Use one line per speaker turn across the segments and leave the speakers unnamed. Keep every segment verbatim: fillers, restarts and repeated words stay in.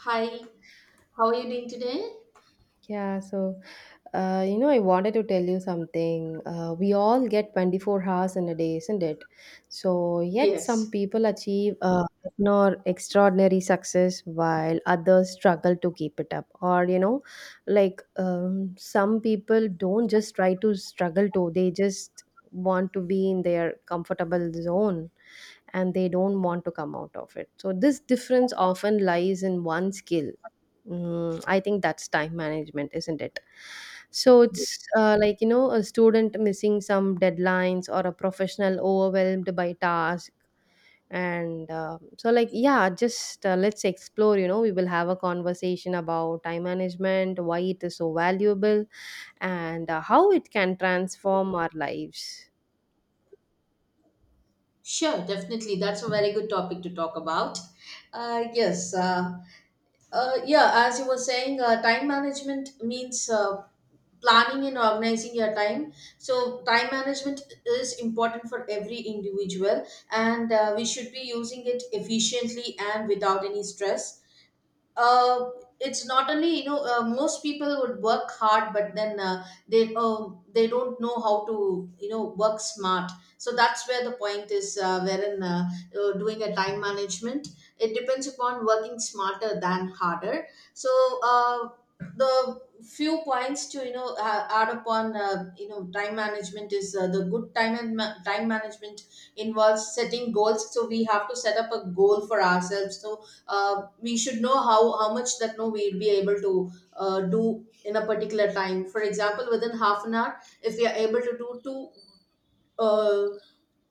Hi, how are you doing today?
Yeah, so uh, you know, I wanted to tell you something. Uh, we all get twenty-four hours in a day, isn't it? So yet some
Yes,
people achieve uh, nor extraordinary success while others struggle to keep it up. Or, you know, like um, some people don't just try to struggle to, they just want to be in their comfortable zone, and they don't want to come out of it. So this difference often lies in one skill. Mm, I think that's time management, isn't it? So it's uh, like, you know, a student missing some deadlines or a professional overwhelmed by task. And uh, so, like, yeah, just uh, Let's explore. You know, we will have a conversation about time management, why it is so valuable, and uh, how it can transform our lives.
sure, definitely. That's a very good topic to talk about. Uh, yes, uh, uh, yeah, as you were saying, uh, time management means uh, planning and organizing your time. So time management is important for every individual, and uh, we should be using it efficiently and without any stress. uh, it's not only you know uh, most people would work hard, but then uh, they uh, they don't know how to you know work smart. So that's where the point is, uh, wherein uh, uh, doing a time management, it depends upon working smarter than harder. So uh, the few points to you know uh, add upon, uh, you know time management is, uh, the good time and ma- time management involves setting goals. So we have to set up a goal for ourselves. So uh, we should know how how much that no we'll be able to uh, do in a particular time. For example, within half an hour, if we are able to do two uh,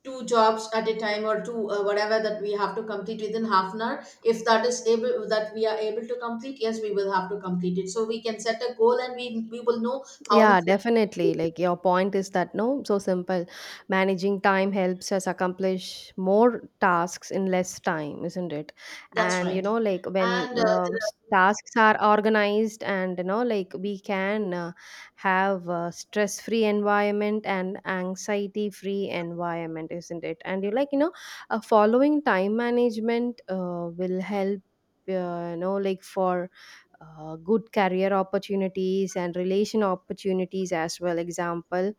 two jobs at a time, or two uh, whatever that we have to complete within half an hour, if that is able that we are able to complete, yes, we will have to complete it. So we can set a goal, and we we will know how much.
Yeah, definitely. Like, your point is that no, so simple. Managing time helps us accomplish more tasks in less time, isn't it?
That's
And you
right.
know, like when
And uh,
um, s- tasks are organized, and you know, like we can uh, have a stress-free environment and anxiety-free environment, isn't it? And you like you know, uh, following time management uh, will help. Uh, you know, like for uh, good career opportunities and relation opportunities as well. Example,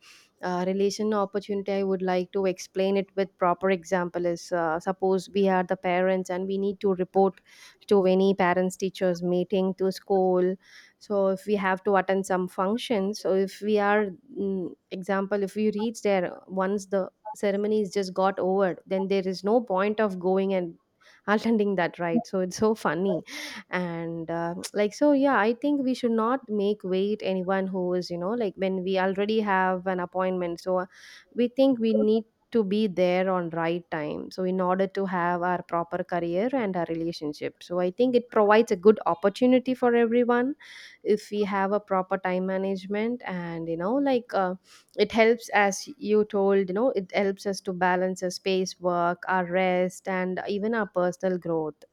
uh, relation opportunity, I would like to explain it with proper example is, uh, suppose we are the parents and we need to report to any parents teachers meeting to school. So if we have to attend some function, so if we are, mm, example, if we reach there once the ceremony is just got over, then there is no point of going and attending that, right? So it's so funny. And uh, like so yeah I think we should not make wait anyone who is, you know like when we already have an appointment. So uh, we think we need to be there on right time. So in order to have our proper career and our relationship, so I think it provides a good opportunity for everyone if we have a proper time management. And you know like uh, it helps, as you told, you know, it helps us to balance our space, work, our rest, and even our personal growth.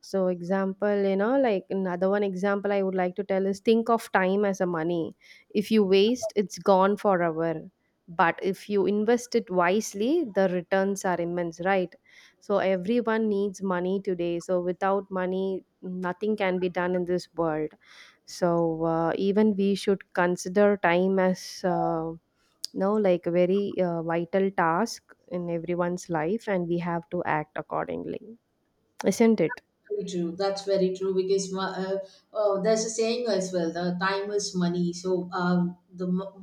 So example, you know, like another one example I would like to tell is, think of time as a money. If you waste, it's gone forever. But if you invest it wisely, the returns are immense, right? So everyone needs money today. So without money, nothing can be done in this world. So uh, even we should consider time as, uh, no like a very uh, vital task in everyone's life, and we have to act accordingly, isn't it?
very true. That's very true, because mo- uh, oh, there's a saying as well. The time is money. So, um, the mo-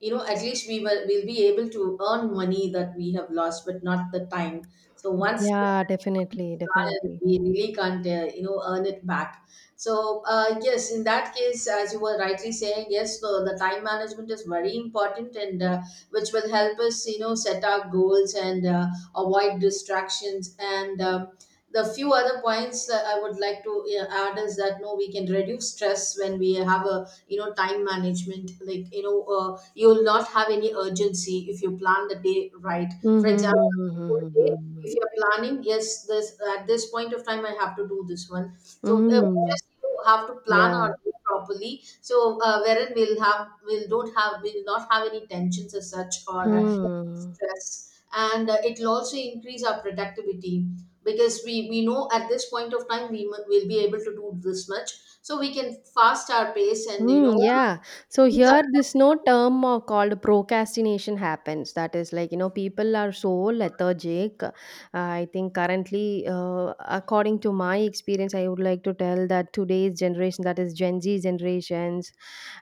you know at least we will will be able to earn money that we have lost, but not the time. So once the
Yeah,
time
definitely,
is gone, and
definitely.
we really can't uh, you know earn it back. So, uh, yes, in that case, as you were rightly saying, yes, the, the time management is very important, and uh, which will help us you know set our goals and uh, avoid distractions and. Um, the few other points that I would like to uh, add is that no, we can reduce stress when we have a you know time management. Like, you know uh, you will not have any urgency if you plan the day right. For
Mhm, mhm,
example,
mhm,
whole
mhm,
day,
mhm.
if you're planning, yes, this at this point of time I have to do this one. So uh, we
Mm,
just you know, have to plan
yeah.
our day properly. So uh, wherein we'll have we'll don't have we'll not have any tensions as such or uh,
Hmm.
stress. And uh, it will also increase our productivity, because we we know at this point of time we mu- will be able to do this much. So we can fast our pace, and you
Hmm,
know
yeah. So
increase
here
our-
this no term of called procrastination happens. That is, like, you know, people are so lethargic. Uh, I think currently, uh, according to my experience, I would like to tell that today's generation, that is Gen Z generations.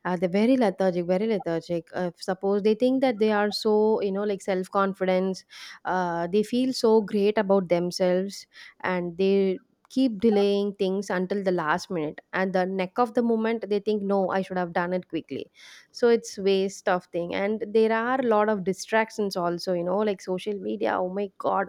Uh, they're very lethargic, very lethargic. Uh, suppose they think that they are so, you know, like, self confidence, uh, they feel so great about themselves, and they keep delaying things until the last minute. And the neck of the moment, they think, no, I should have done it quickly. So it's waste of thing. And there are a lot of distractions also, you know, like social media. Oh my God,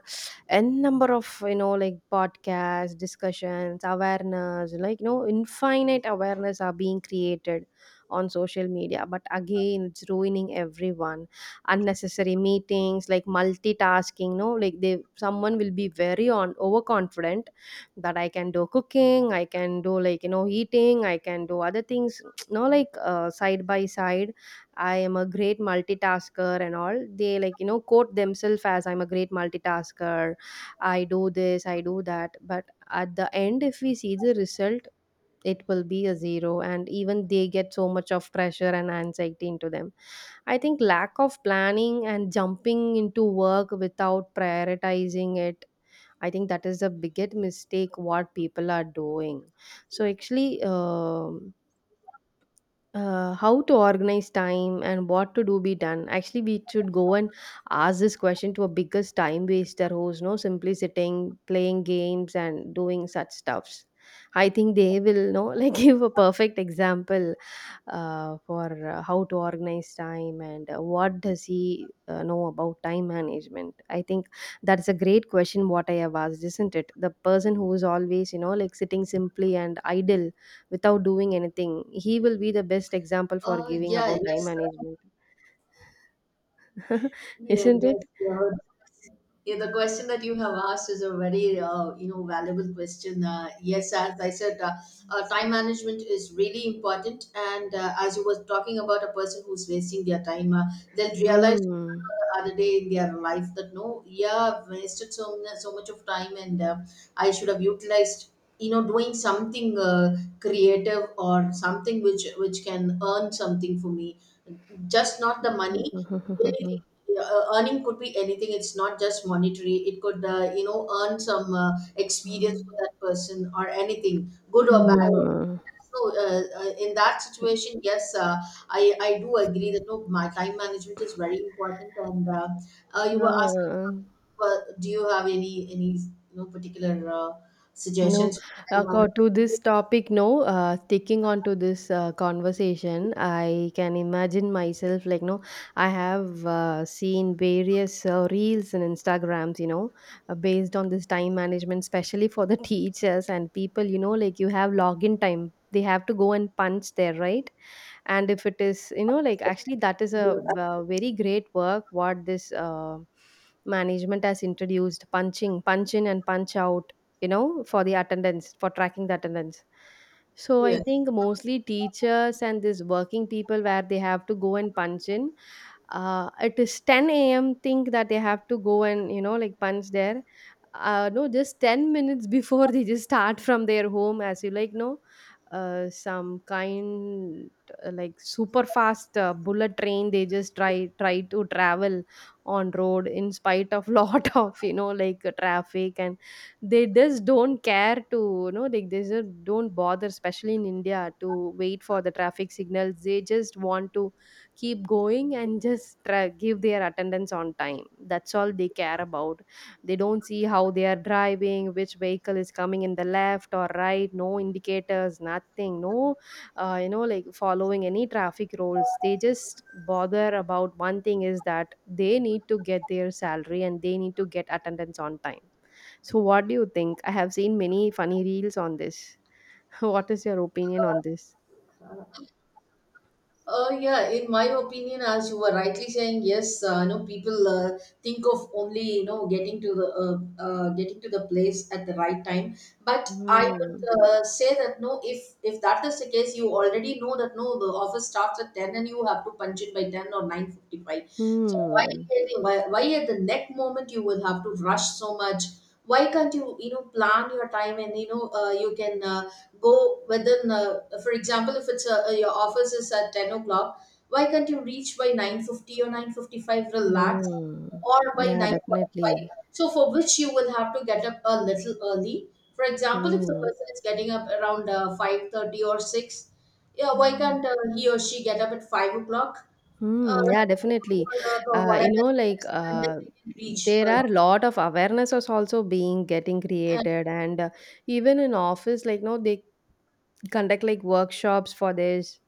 n number of, you know like podcasts, discussions, awareness, like, you know, infinite awareness are being created on social media, but again it's ruining everyone. Unnecessary meetings, like multitasking, no, like, they, someone will be very on overconfident that I can do cooking, I can do, like, you know, eating, I can do other things. No, like, uh, side by side, I am a great multitasker and all. They, like, you know, quote themselves as, I'm a great multitasker, I do this, I do that. But at the end, if we see the result, it will be a zero, and even they get so much of pressure and anxiety into them. I think lack of planning and jumping into work without prioritizing it, I think that is the biggest mistake what people are doing. So actually, um uh, how to organize time and what to do be done. Actually, we should go and ask this question to a biggest time waster, who's no simply sitting playing games and doing such stuffs. I think they will know like, give a perfect example uh, for, uh, how to organize time, and uh, what does he uh, know about time management. I think that's a great question what I have asked, isn't it? The person who is always, you know, like, sitting simply and idle without doing anything, he will be the best example for
uh,
giving
yeah,
about time
yes.
management.
Yeah,
Isn't
yes,
it?
you're. Yeah, the question that you have asked is a very, uh, you know, valuable question. Uh, yes, as I said, uh, uh, time management is really important. And uh, as you were talking about a person who's wasting their time, uh, they'll realize
Mm.
the other day in their life that no, yeah, I've wasted so mu- so much of time, and uh, I should have utilized, you know, doing something uh, creative or something which which can earn something for me, just not the money. Anything, uh, earning could be anything. It's not just monetary. It could uh, you know earn some uh, experience for that person, or anything good or bad.
Mm.
So uh, uh, in that situation, yes, uh, i i do agree that no, my time management is very important. And uh, uh, you were asking,
Ah.
uh, do you have any any you know particular uh,
No,
suggestions for time
acco-
management?
to this topic, no. Uh, sticking on to this uh, conversation, I can imagine myself like, no, I have uh, seen various uh, reels and Instagrams, you know, uh, based on this time management, especially for the teachers and people, you know, like, you have login time. They have to go and punch there, right? And if it is, you know, like, actually, that is a uh, very great work what this uh, management has introduced, punching, punch in and punch out, you know, for the attendance, for tracking the attendance. So I
Yes.
think mostly teachers and this working people, where they have to go and punch in, uh, it is ten a m a.m., think that they have to go and, you know, like, punch there. Uh, no, just ten minutes before they just start from their home, as you like know, uh, some kind, uh, like, super fast uh, bullet train, they just try try to travel on road, in spite of lot of, you know like uh, traffic, and they just don't care to, you know, like, they just don't bother, especially in India, to wait for the traffic signals. They just want to keep going and just try, give their attendance on time. That's all they care about. They don't see how they are driving, which vehicle is coming in the left or right, no indicators, nothing, no uh, you know like following any traffic rules. They just bother about one thing is that they need to get their salary and they need to get attendance on time. So what do you think? I have seen many funny reels on this. What is your opinion on this?
Uh, yeah, in my opinion, as you were rightly saying, yes, uh, you know, people uh, think of only you know getting to the uh, uh, getting to the place at the right time. But I would
Hmm.
uh, say that no, if if that is the case, you already know that no, the office starts at ten and you have to punch it by ten or nine fifty five. So why,
Hmm.
why why at the next moment you will have to rush so much? Why can't you you know plan your time? And you know uh, you can. Uh, go within uh, for example, if it's a, your office is at ten o'clock, why can't you reach by nine fifty or nine fifty-five? Relax,
Mm.
or by
Yeah, definitely.
nine forty-five. So for which you will have to get up a little early. For example, if the
Mm.
person is getting up around uh, five thirty or six, yeah, why
Mm.
can't uh, he or she get up at five o'clock, uh,
Mm. Yeah,
to take a
definitely.
work or
Uh,
whatever
you know,
it
like
is, and then
uh,
they can reach
there are
early.
a lot of awarenesses also being getting
And
created, and uh, even in office, like, no, they conduct like workshops for this,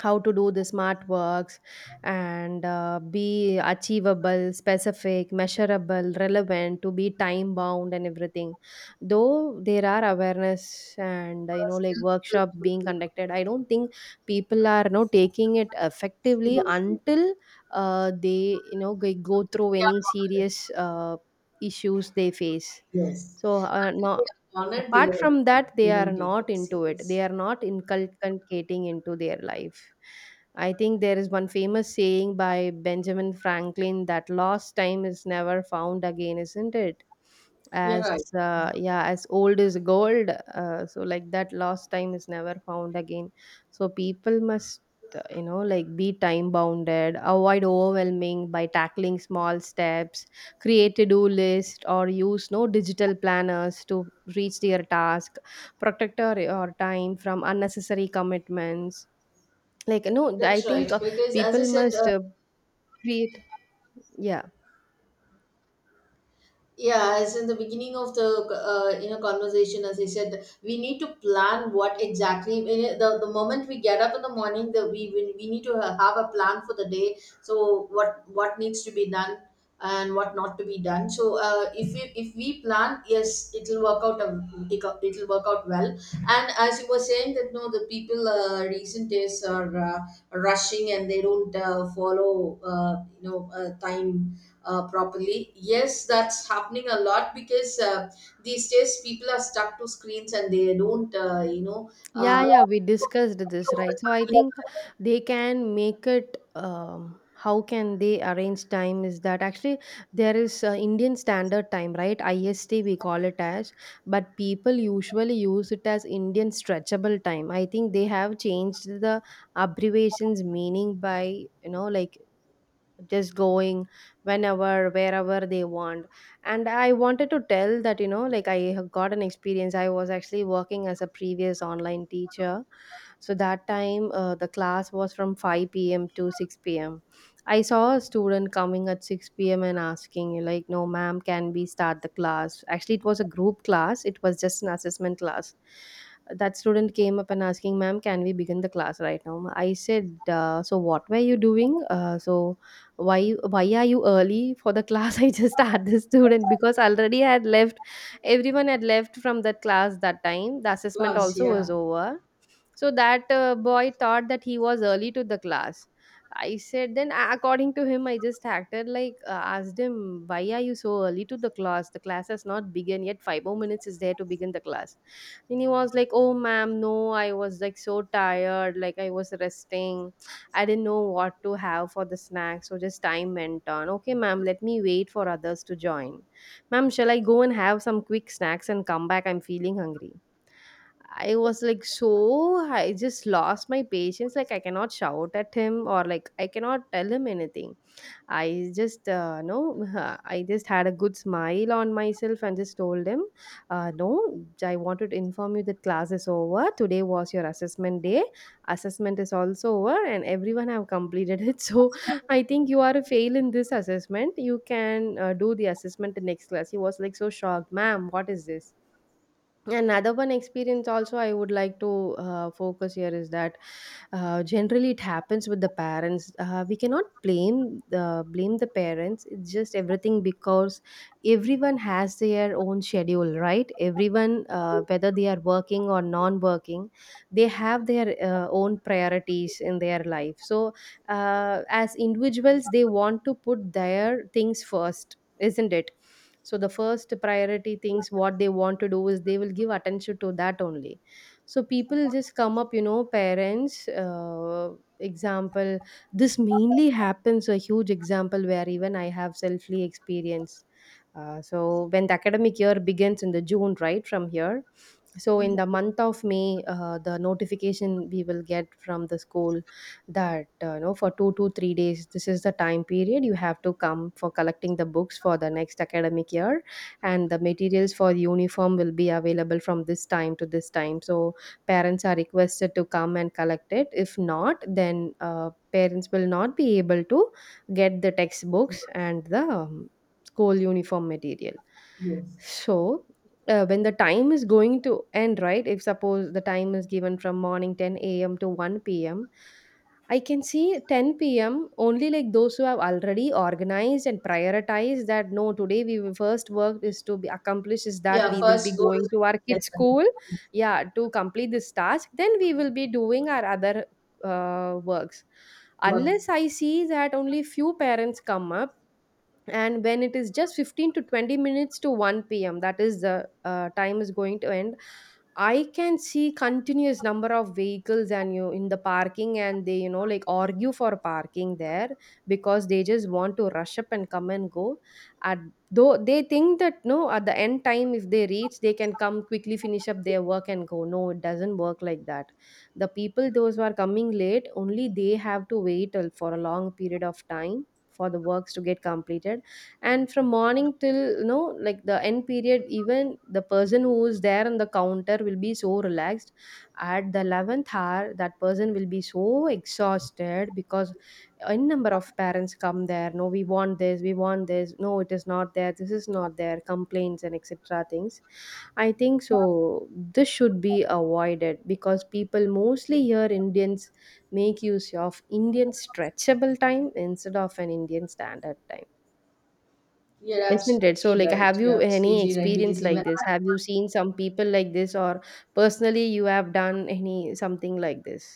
how to do the smart works, and uh, be achievable, specific, measurable, relevant, to be time bound and everything. Though there are awareness and, uh, you
uh,
know like
still
workshops
people
being
will
conducted, I don't think people are, you know, taking it
see
effectively
this. They
until uh, they, you know, g- go through
are
any
confident.
serious uh, issues they face.
Yes.
So, uh,
Until
no,
they are honored, they
apart
are
from that, they
they
are
don't take
not
it
into it. They
serious.
are not inculcating into their life. I think there is one famous saying by Benjamin Franklin that lost time is never found again, isn't it?
You're
As
right.
uh, yeah, as old is gold. Uh, so like that, lost time is never found again. So people must, uh, you know like be time bounded, avoid overwhelming by tackling small steps, create to-do list, or use no digital planners to reach their task, protect our, our time from unnecessary commitments, like, no, I
That's right.
think uh,
Because as I
people
said,
must
uh,
uh, create. Yeah.
yeah, as in the beginning of the uh, you know conversation, as I said, we need to plan what exactly the, the moment we get up in the morning, that we, we we need to ha- have a plan for the day. So what what needs to be done and what not to be done. So uh, if we if we plan, yes, it'll work out a- it'll it'll work out well. And as you were saying that no, the people uh, recent days are uh, rushing, and they don't uh, follow uh, you know uh, time uh, properly. Yes, that's happening a lot, because uh, these days people are stuck to screens, and they don't, uh, you know,
Yeah,
uh,
yeah, we discussed this, right? So I think they can make it. Um, how can they arrange time? Is that actually there is uh, Indian Standard Time, right? I S T we call it as, but people usually use it as Indian Stretchable Time. I think they have changed the abbreviation's meaning by, you know, like, just going whenever wherever they want. And I wanted to tell that, you know, like, I have got an experience. I was actually working as a previous online teacher, so that time uh, the class was from five p m to six p m. I saw a student coming at six p m and asking, like, no, ma'am, can we start the class? Actually, it was a group class, it was just an assessment class. That student came up and asking, ma'am, can we begin the class right now? I said, uh, so what were you doing? Uh, so why why are you early for the class? I just had the student because already I had left, everyone had left from that class that time. The assessment
class.
also was
Yeah.
over, so that uh, boy thought that he was early to the class. I said, then a- according to him, I just acted like uh, asked him, why are you so early to the class? The class has not begun yet. Five more minutes is there to begin the class. And he was like, oh, ma'am, no, I was like so tired. Like I was resting. I didn't know what to have for the snack. So just time went on. Okay, ma'am, let me wait for others to join. Ma'am, shall I go and have some quick snacks and come back? I'm feeling hungry. I was like so I just lost my patience. Like I cannot shout at him or like I cannot tell him anything. I just uh, no, I just had a good smile on myself and just told him, uh, no, I wanted to inform you that class is over. Today was your assessment day. Assessment is also over and everyone have completed it. So I think you are a fail in this assessment. You can uh, do the assessment in next class. He was like so shocked, ma'am. What is this? Another one experience also I would like to uh, focus here is that uh, generally, it happens with the parents. Uh, we cannot blame the blame the parents. It's just everything because everyone has their own schedule, right? Everyone, uh, whether they are working or non-working, they have their uh, own priorities in their life. So, uh, as individuals, they want to put their things first, isn't it? So the first priority things what they want to do is they will give attention to that only. So people just come up, you know, parents, uh, example, this mainly happens a huge example where even I have selfly experienced. Uh, so when the academic year begins in the June right from here, so in the month of May, uh, the notification we will get from the school that, uh, you know, for two to three days this is the time period you have to come for collecting the books for the next academic year, and the materials for uniform will be available from this time to this time. So parents are requested to come and collect it. If not, then uh, parents will not be able to get the textbooks and the um, school uniform material.
Yes.
So, uh, when the time is going to end, right? If suppose the time is given from morning ten a m to one p m, I can see ten p m only, like those who have already organized and prioritized that no, today we will first work is to be accomplished is that
Yeah,
we will be
first go
going
to
to
school,
our
get
kids' school,
the
yeah, to complete this task, then we will be doing our other uh, works.
work.
Unless I see that only few parents come up, and when it is just fifteen to twenty minutes to one p.m, that is the uh, time is going to end. I can see continuous number of vehicles and you in the parking, and they, you know, like argue for parking there because they just want to rush up and come and go at, though they think that no, at the end time if they reach, they can come quickly finish up their work and go. No, it doesn't work like that. The people those who are coming late only, they have to wait till- for a long period of time for the works to get completed. And from morning till, you know, like the end period, even the person who is there on the counter will be so relaxed. At the eleventh hour, that person will be so exhausted because a number of parents come there, no, we want this, we want this, no, it is not there, this is not there, complaints and etc things, I think so. This should be avoided because people mostly here Indians make use of Indian stretchable time instead of an Indian standard time,
You're
isn't it? So,
absolutely
like,
right.
have
You're
you any
absolutely right,
experience
because
like
even
this? Have you seen some people like this, or personally, you have done any something like this?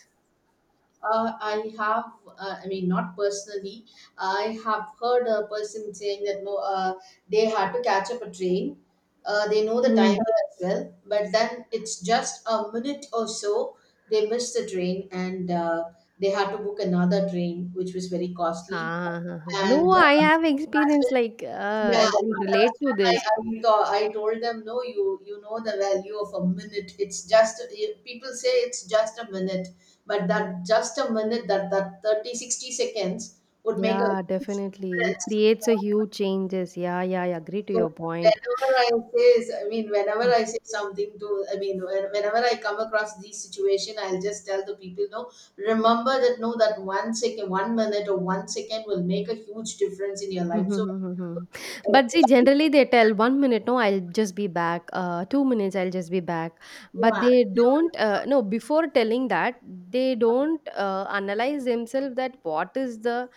Uh, I have, uh, I mean, not personally. I have heard a person saying that no, uh, they had to catch up a train. Uh, they know the time
Hmm.
as well, but then it's just a minute or so they missed the train. And uh, they had to book another train, which was very costly.
Ah, no,
And
I
uh,
have
as
experience
well,
like uh,
yeah,
I
that's
can relate to
when I,
this.
I, thought- I told them, no, you you know the value of a minute. It's just eh, people say it's just a minute, but that just a minute, that that thirty sixty seconds would make a
Yeah,
huge
definitely. It
difference.
creates a huge changes. Yeah, yeah, I agree to
So
your point.
whenever I say, I mean, whenever I say something to, I mean, when- whenever I come across this situation, I'll just tell the people, no, remember that no, that one second, one minute or one second will make a huge difference in your
Mhm,
life. So,
mhm, mhm, mhm. But see, generally they tell one minute, no, I'll just be back. Uh, two minutes, I'll just be back. But
yeah,
they don't, uh, no, before telling that, they don't uh, analyze themselves that what is the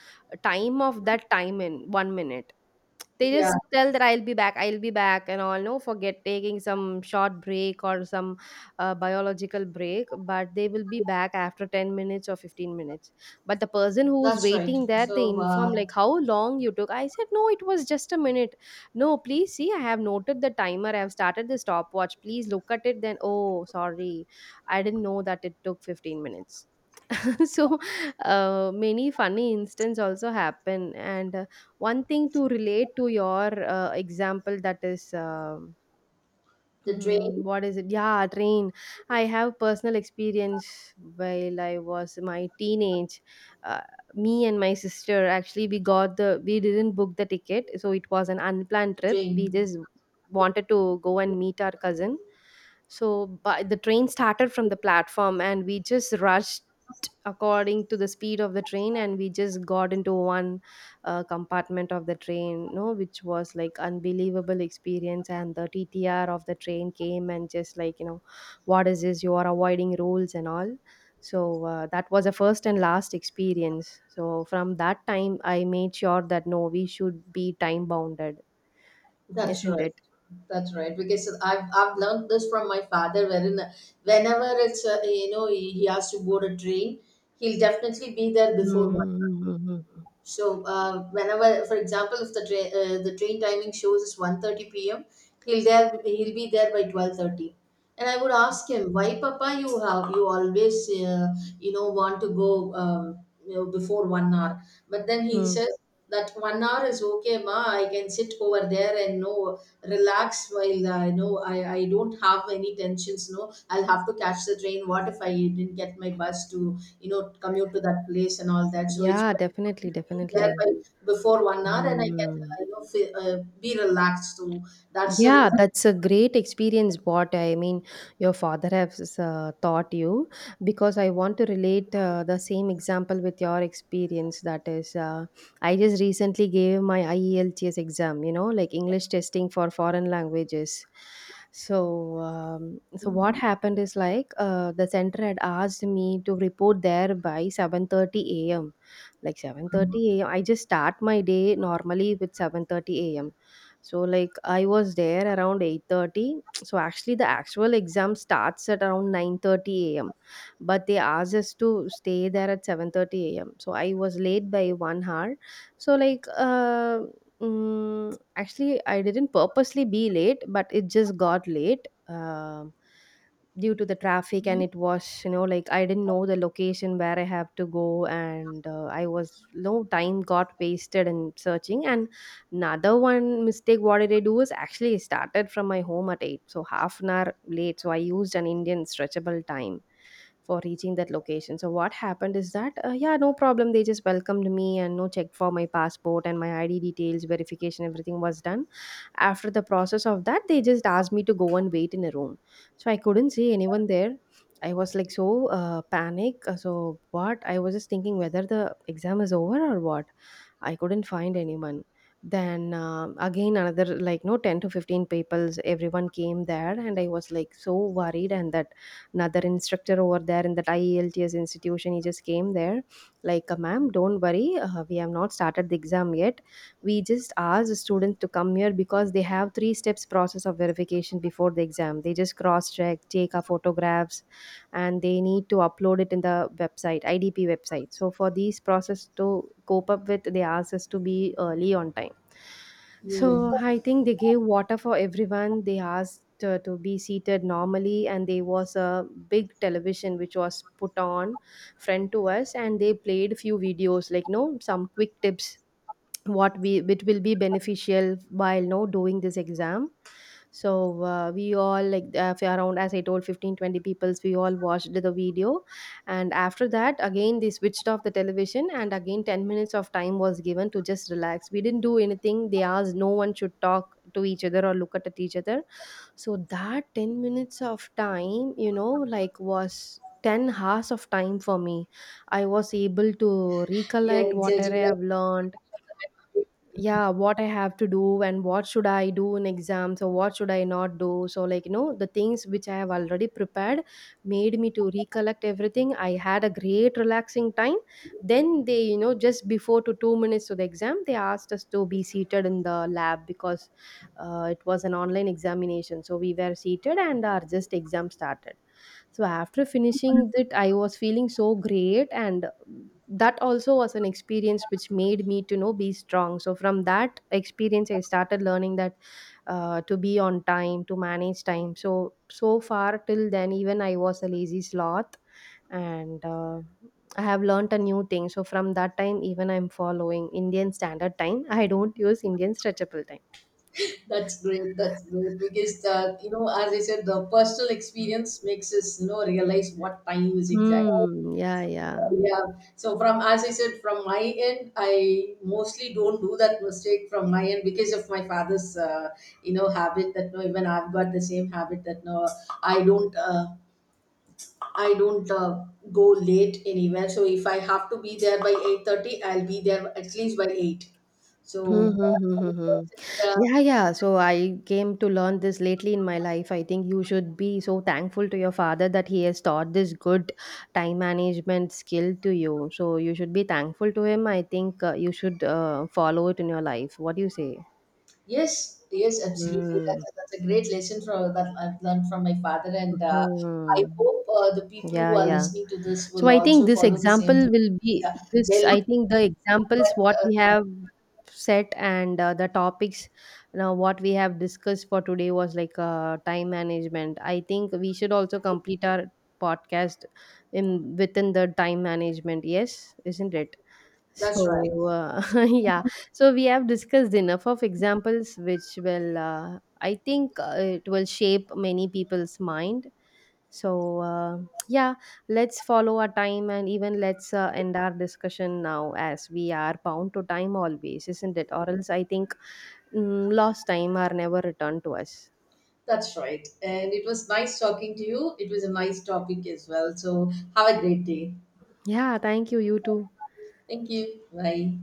time of that time in one minute. They
yeah,
just tell that I'll be back, I'll be back, and all. No, forget taking some short break or some uh, biological break, but they will be back after ten minutes or fifteen minutes. But the person who was
that's right.
waiting there, they
So
inform,
uh,
like, how long you took? I said, no, it was just a minute. No, please see, I have noted the timer. I have started the stopwatch. Please look at it. Then, oh, sorry. I didn't know that it took fifteen minutes. So uh, many funny instances also happen, and uh, one thing to relate to your uh, example, that is um
the
hmm,
drain,
what is it? Yeah, train. I have personal experience while I was my teenage. Uh, me and my sister, actually, we got the we didn't book the ticket, so it was an unplanned trip.
drain.
We just wanted to go and meet our cousin. So, but the train started from the platform, and we just rushed according to the speed of the train, and we just got into one uh, compartment of the train, no, which was like unbelievable experience. And the T T R of the train came and just like, you know, what is this? You are avoiding rules and all. So uh, that was a first and last experience. So from that time, I made sure that no, we should be time bounded,
That's
isn't
right.
it?
That's right. Because I've I've learned this from my father, wherein uh, whenever it's uh, you know he, he has to board a train, he'll definitely be there before one.
Mm-hmm.
So uh, whenever, for example, if the tra- uh, the train timing shows is one thirty p m, he'll there he'll be there by twelve thirty. And I would ask him, why, Papa, you have you always uh, you know want to go um, you know, before one hour? But then he
Mm.
says that one hour is okay, ma, I can sit over there and no, relax, while uh, no, i i don't have any tensions, no, I'll have to catch the train. What if I didn't get my bus to you know commute to that place and all that? So it's
Yeah,
better to
definitely,
be there
definitely.
by, before one hour, and I can
Mm.
uh, you know feel, uh, be relaxed. So that's the
Yeah,
reason.
that's a great experience. What I mean, your father has uh, taught you, because I want to relate uh, the same example with your experience. That is, uh, I just recently gave my IELTS exam, you know, like English testing for foreign languages. So, um, so what
Mhm,
happened is like uh, the center had asked me to report there by seven thirty a m. Like seven thirty a m. I just start my day normally with seven thirty a m. So like I was there around eight thirty. So actually the actual exam starts at around nine thirty a m. But they asked us to stay there at seven thirty a m. So I was late by one hour. So like uh, mm, actually I didn't purposely be late, but it just got late. Um, due to the traffic, and
mhm.
it was, you know, like I didn't know the location where I have to go, and uh, I was, no, time got wasted in searching. And another one mistake what did I do is actually I started from my home at eight, so half an hour late, so I used an Indian stretchable time for reaching that location. So what happened is that uh, yeah, no problem, they just welcomed me and, no, checked for my passport and my ID details verification, everything was done. After the process of that, they just asked me to go and wait in a room. So I couldn't see anyone there. I was like so uh, panic, uh, so what I was just thinking whether the exam is over or what. I couldn't find anyone. Then uh, again another like no ten to fifteen peoples everyone came there, and I was like so worried. And that another instructor over there in that IELTS institution, he just came there, like, uh, ma'am, don't worry, uh, we have not started the exam yet. We just asked the students to come here because they have three steps process of verification before the exam. They just cross check, take our photographs, and they need to upload it in the website, I D P website. So for these process to cope up with, they ask us to be early on time.
Yeah,
So I think they gave water for everyone. They asked uh, to be seated normally, and there was a big television which was put on front to us, and they played few videos like, no, some quick tips what we it will be beneficial while, no, doing this exam. So uh, we all, like, uh, around, as I told, fifteen twenty peoples, we all watched the video. And after that, again, they switched off the television, and again ten minutes of time was given to just relax. We didn't do anything. They asked no one should talk to each other or look at each other. So that ten minutes of time, you know, like, was ten hours of time for me. I was able to
yeah,
recollect what I
exactly that.
have learned, yeah, what I have to do and what should I do in exams or what should I not do. So, like, you know, the things which I have already prepared made me to recollect everything. I had a great relaxing time. Then they, you know, just before to two minutes to the exam, they asked us to be seated in the lab because uh, it was an online examination. So we were seated and our just exam started. So after finishing that, I was feeling so great, and that also was an experience which made me to know be strong. So from that experience, I started learning that uh, to be on time, to manage time. So so far till then, even I was a lazy sloth, and uh, I have learned a new thing. So from that time, even I'm following Indian Standard Time. I don't use Indian Stretchable Time.
That's great. That's great, because uh, you know, as I said, the personal experience makes us you know realize what time is exactly.
Hmm. Yeah. Yeah.
Yeah. So, from as I said, from my end, I mostly don't do that mistake from my end, because of my father's uh, you know habit that no, even I've got the same habit that no, I don't uh, I don't uh, go late anywhere. So if I have to be there by eight thirty, I'll be there at least by eight.
Hmm,
So.
hmm, hmm, hmm, hmm.
uh,
Yeah, yeah. So I came to learn this lately in my life. I think you should be so thankful to your father that he has taught this good time management skill to you. So you should be thankful to him. I think uh, you should uh, follow it in your life. What do you say?
Yes, yes, absolutely.
Hmm.
That's a, that's a great lesson from that I've learned from my father, and uh, I
Hmm.
hope uh, the people
Yeah,
who are
yeah.
listening to this
So
will
I think
also
this
follow the same
example
thing.
will be
Yeah,
this.
they'll,
I think the examples
but,
what we
uh,
have set, and uh, the topics now what we have discussed for today, was like uh, time management. I think we should also complete our podcast in within the time management. Yes, isn't it?
that's right.
So uh, yeah, so we have discussed enough of examples which will uh, I think uh, it will shape many people's mind. So, uh, yeah, let's follow our time and even let's uh, end our discussion now as we are bound to time always, isn't it? Or else I think mm, lost time are never returned to us.
That's right. And it was nice talking to you. It was a nice topic as well. So have a great day.
Yeah, thank you. You too.
Thank you. Bye.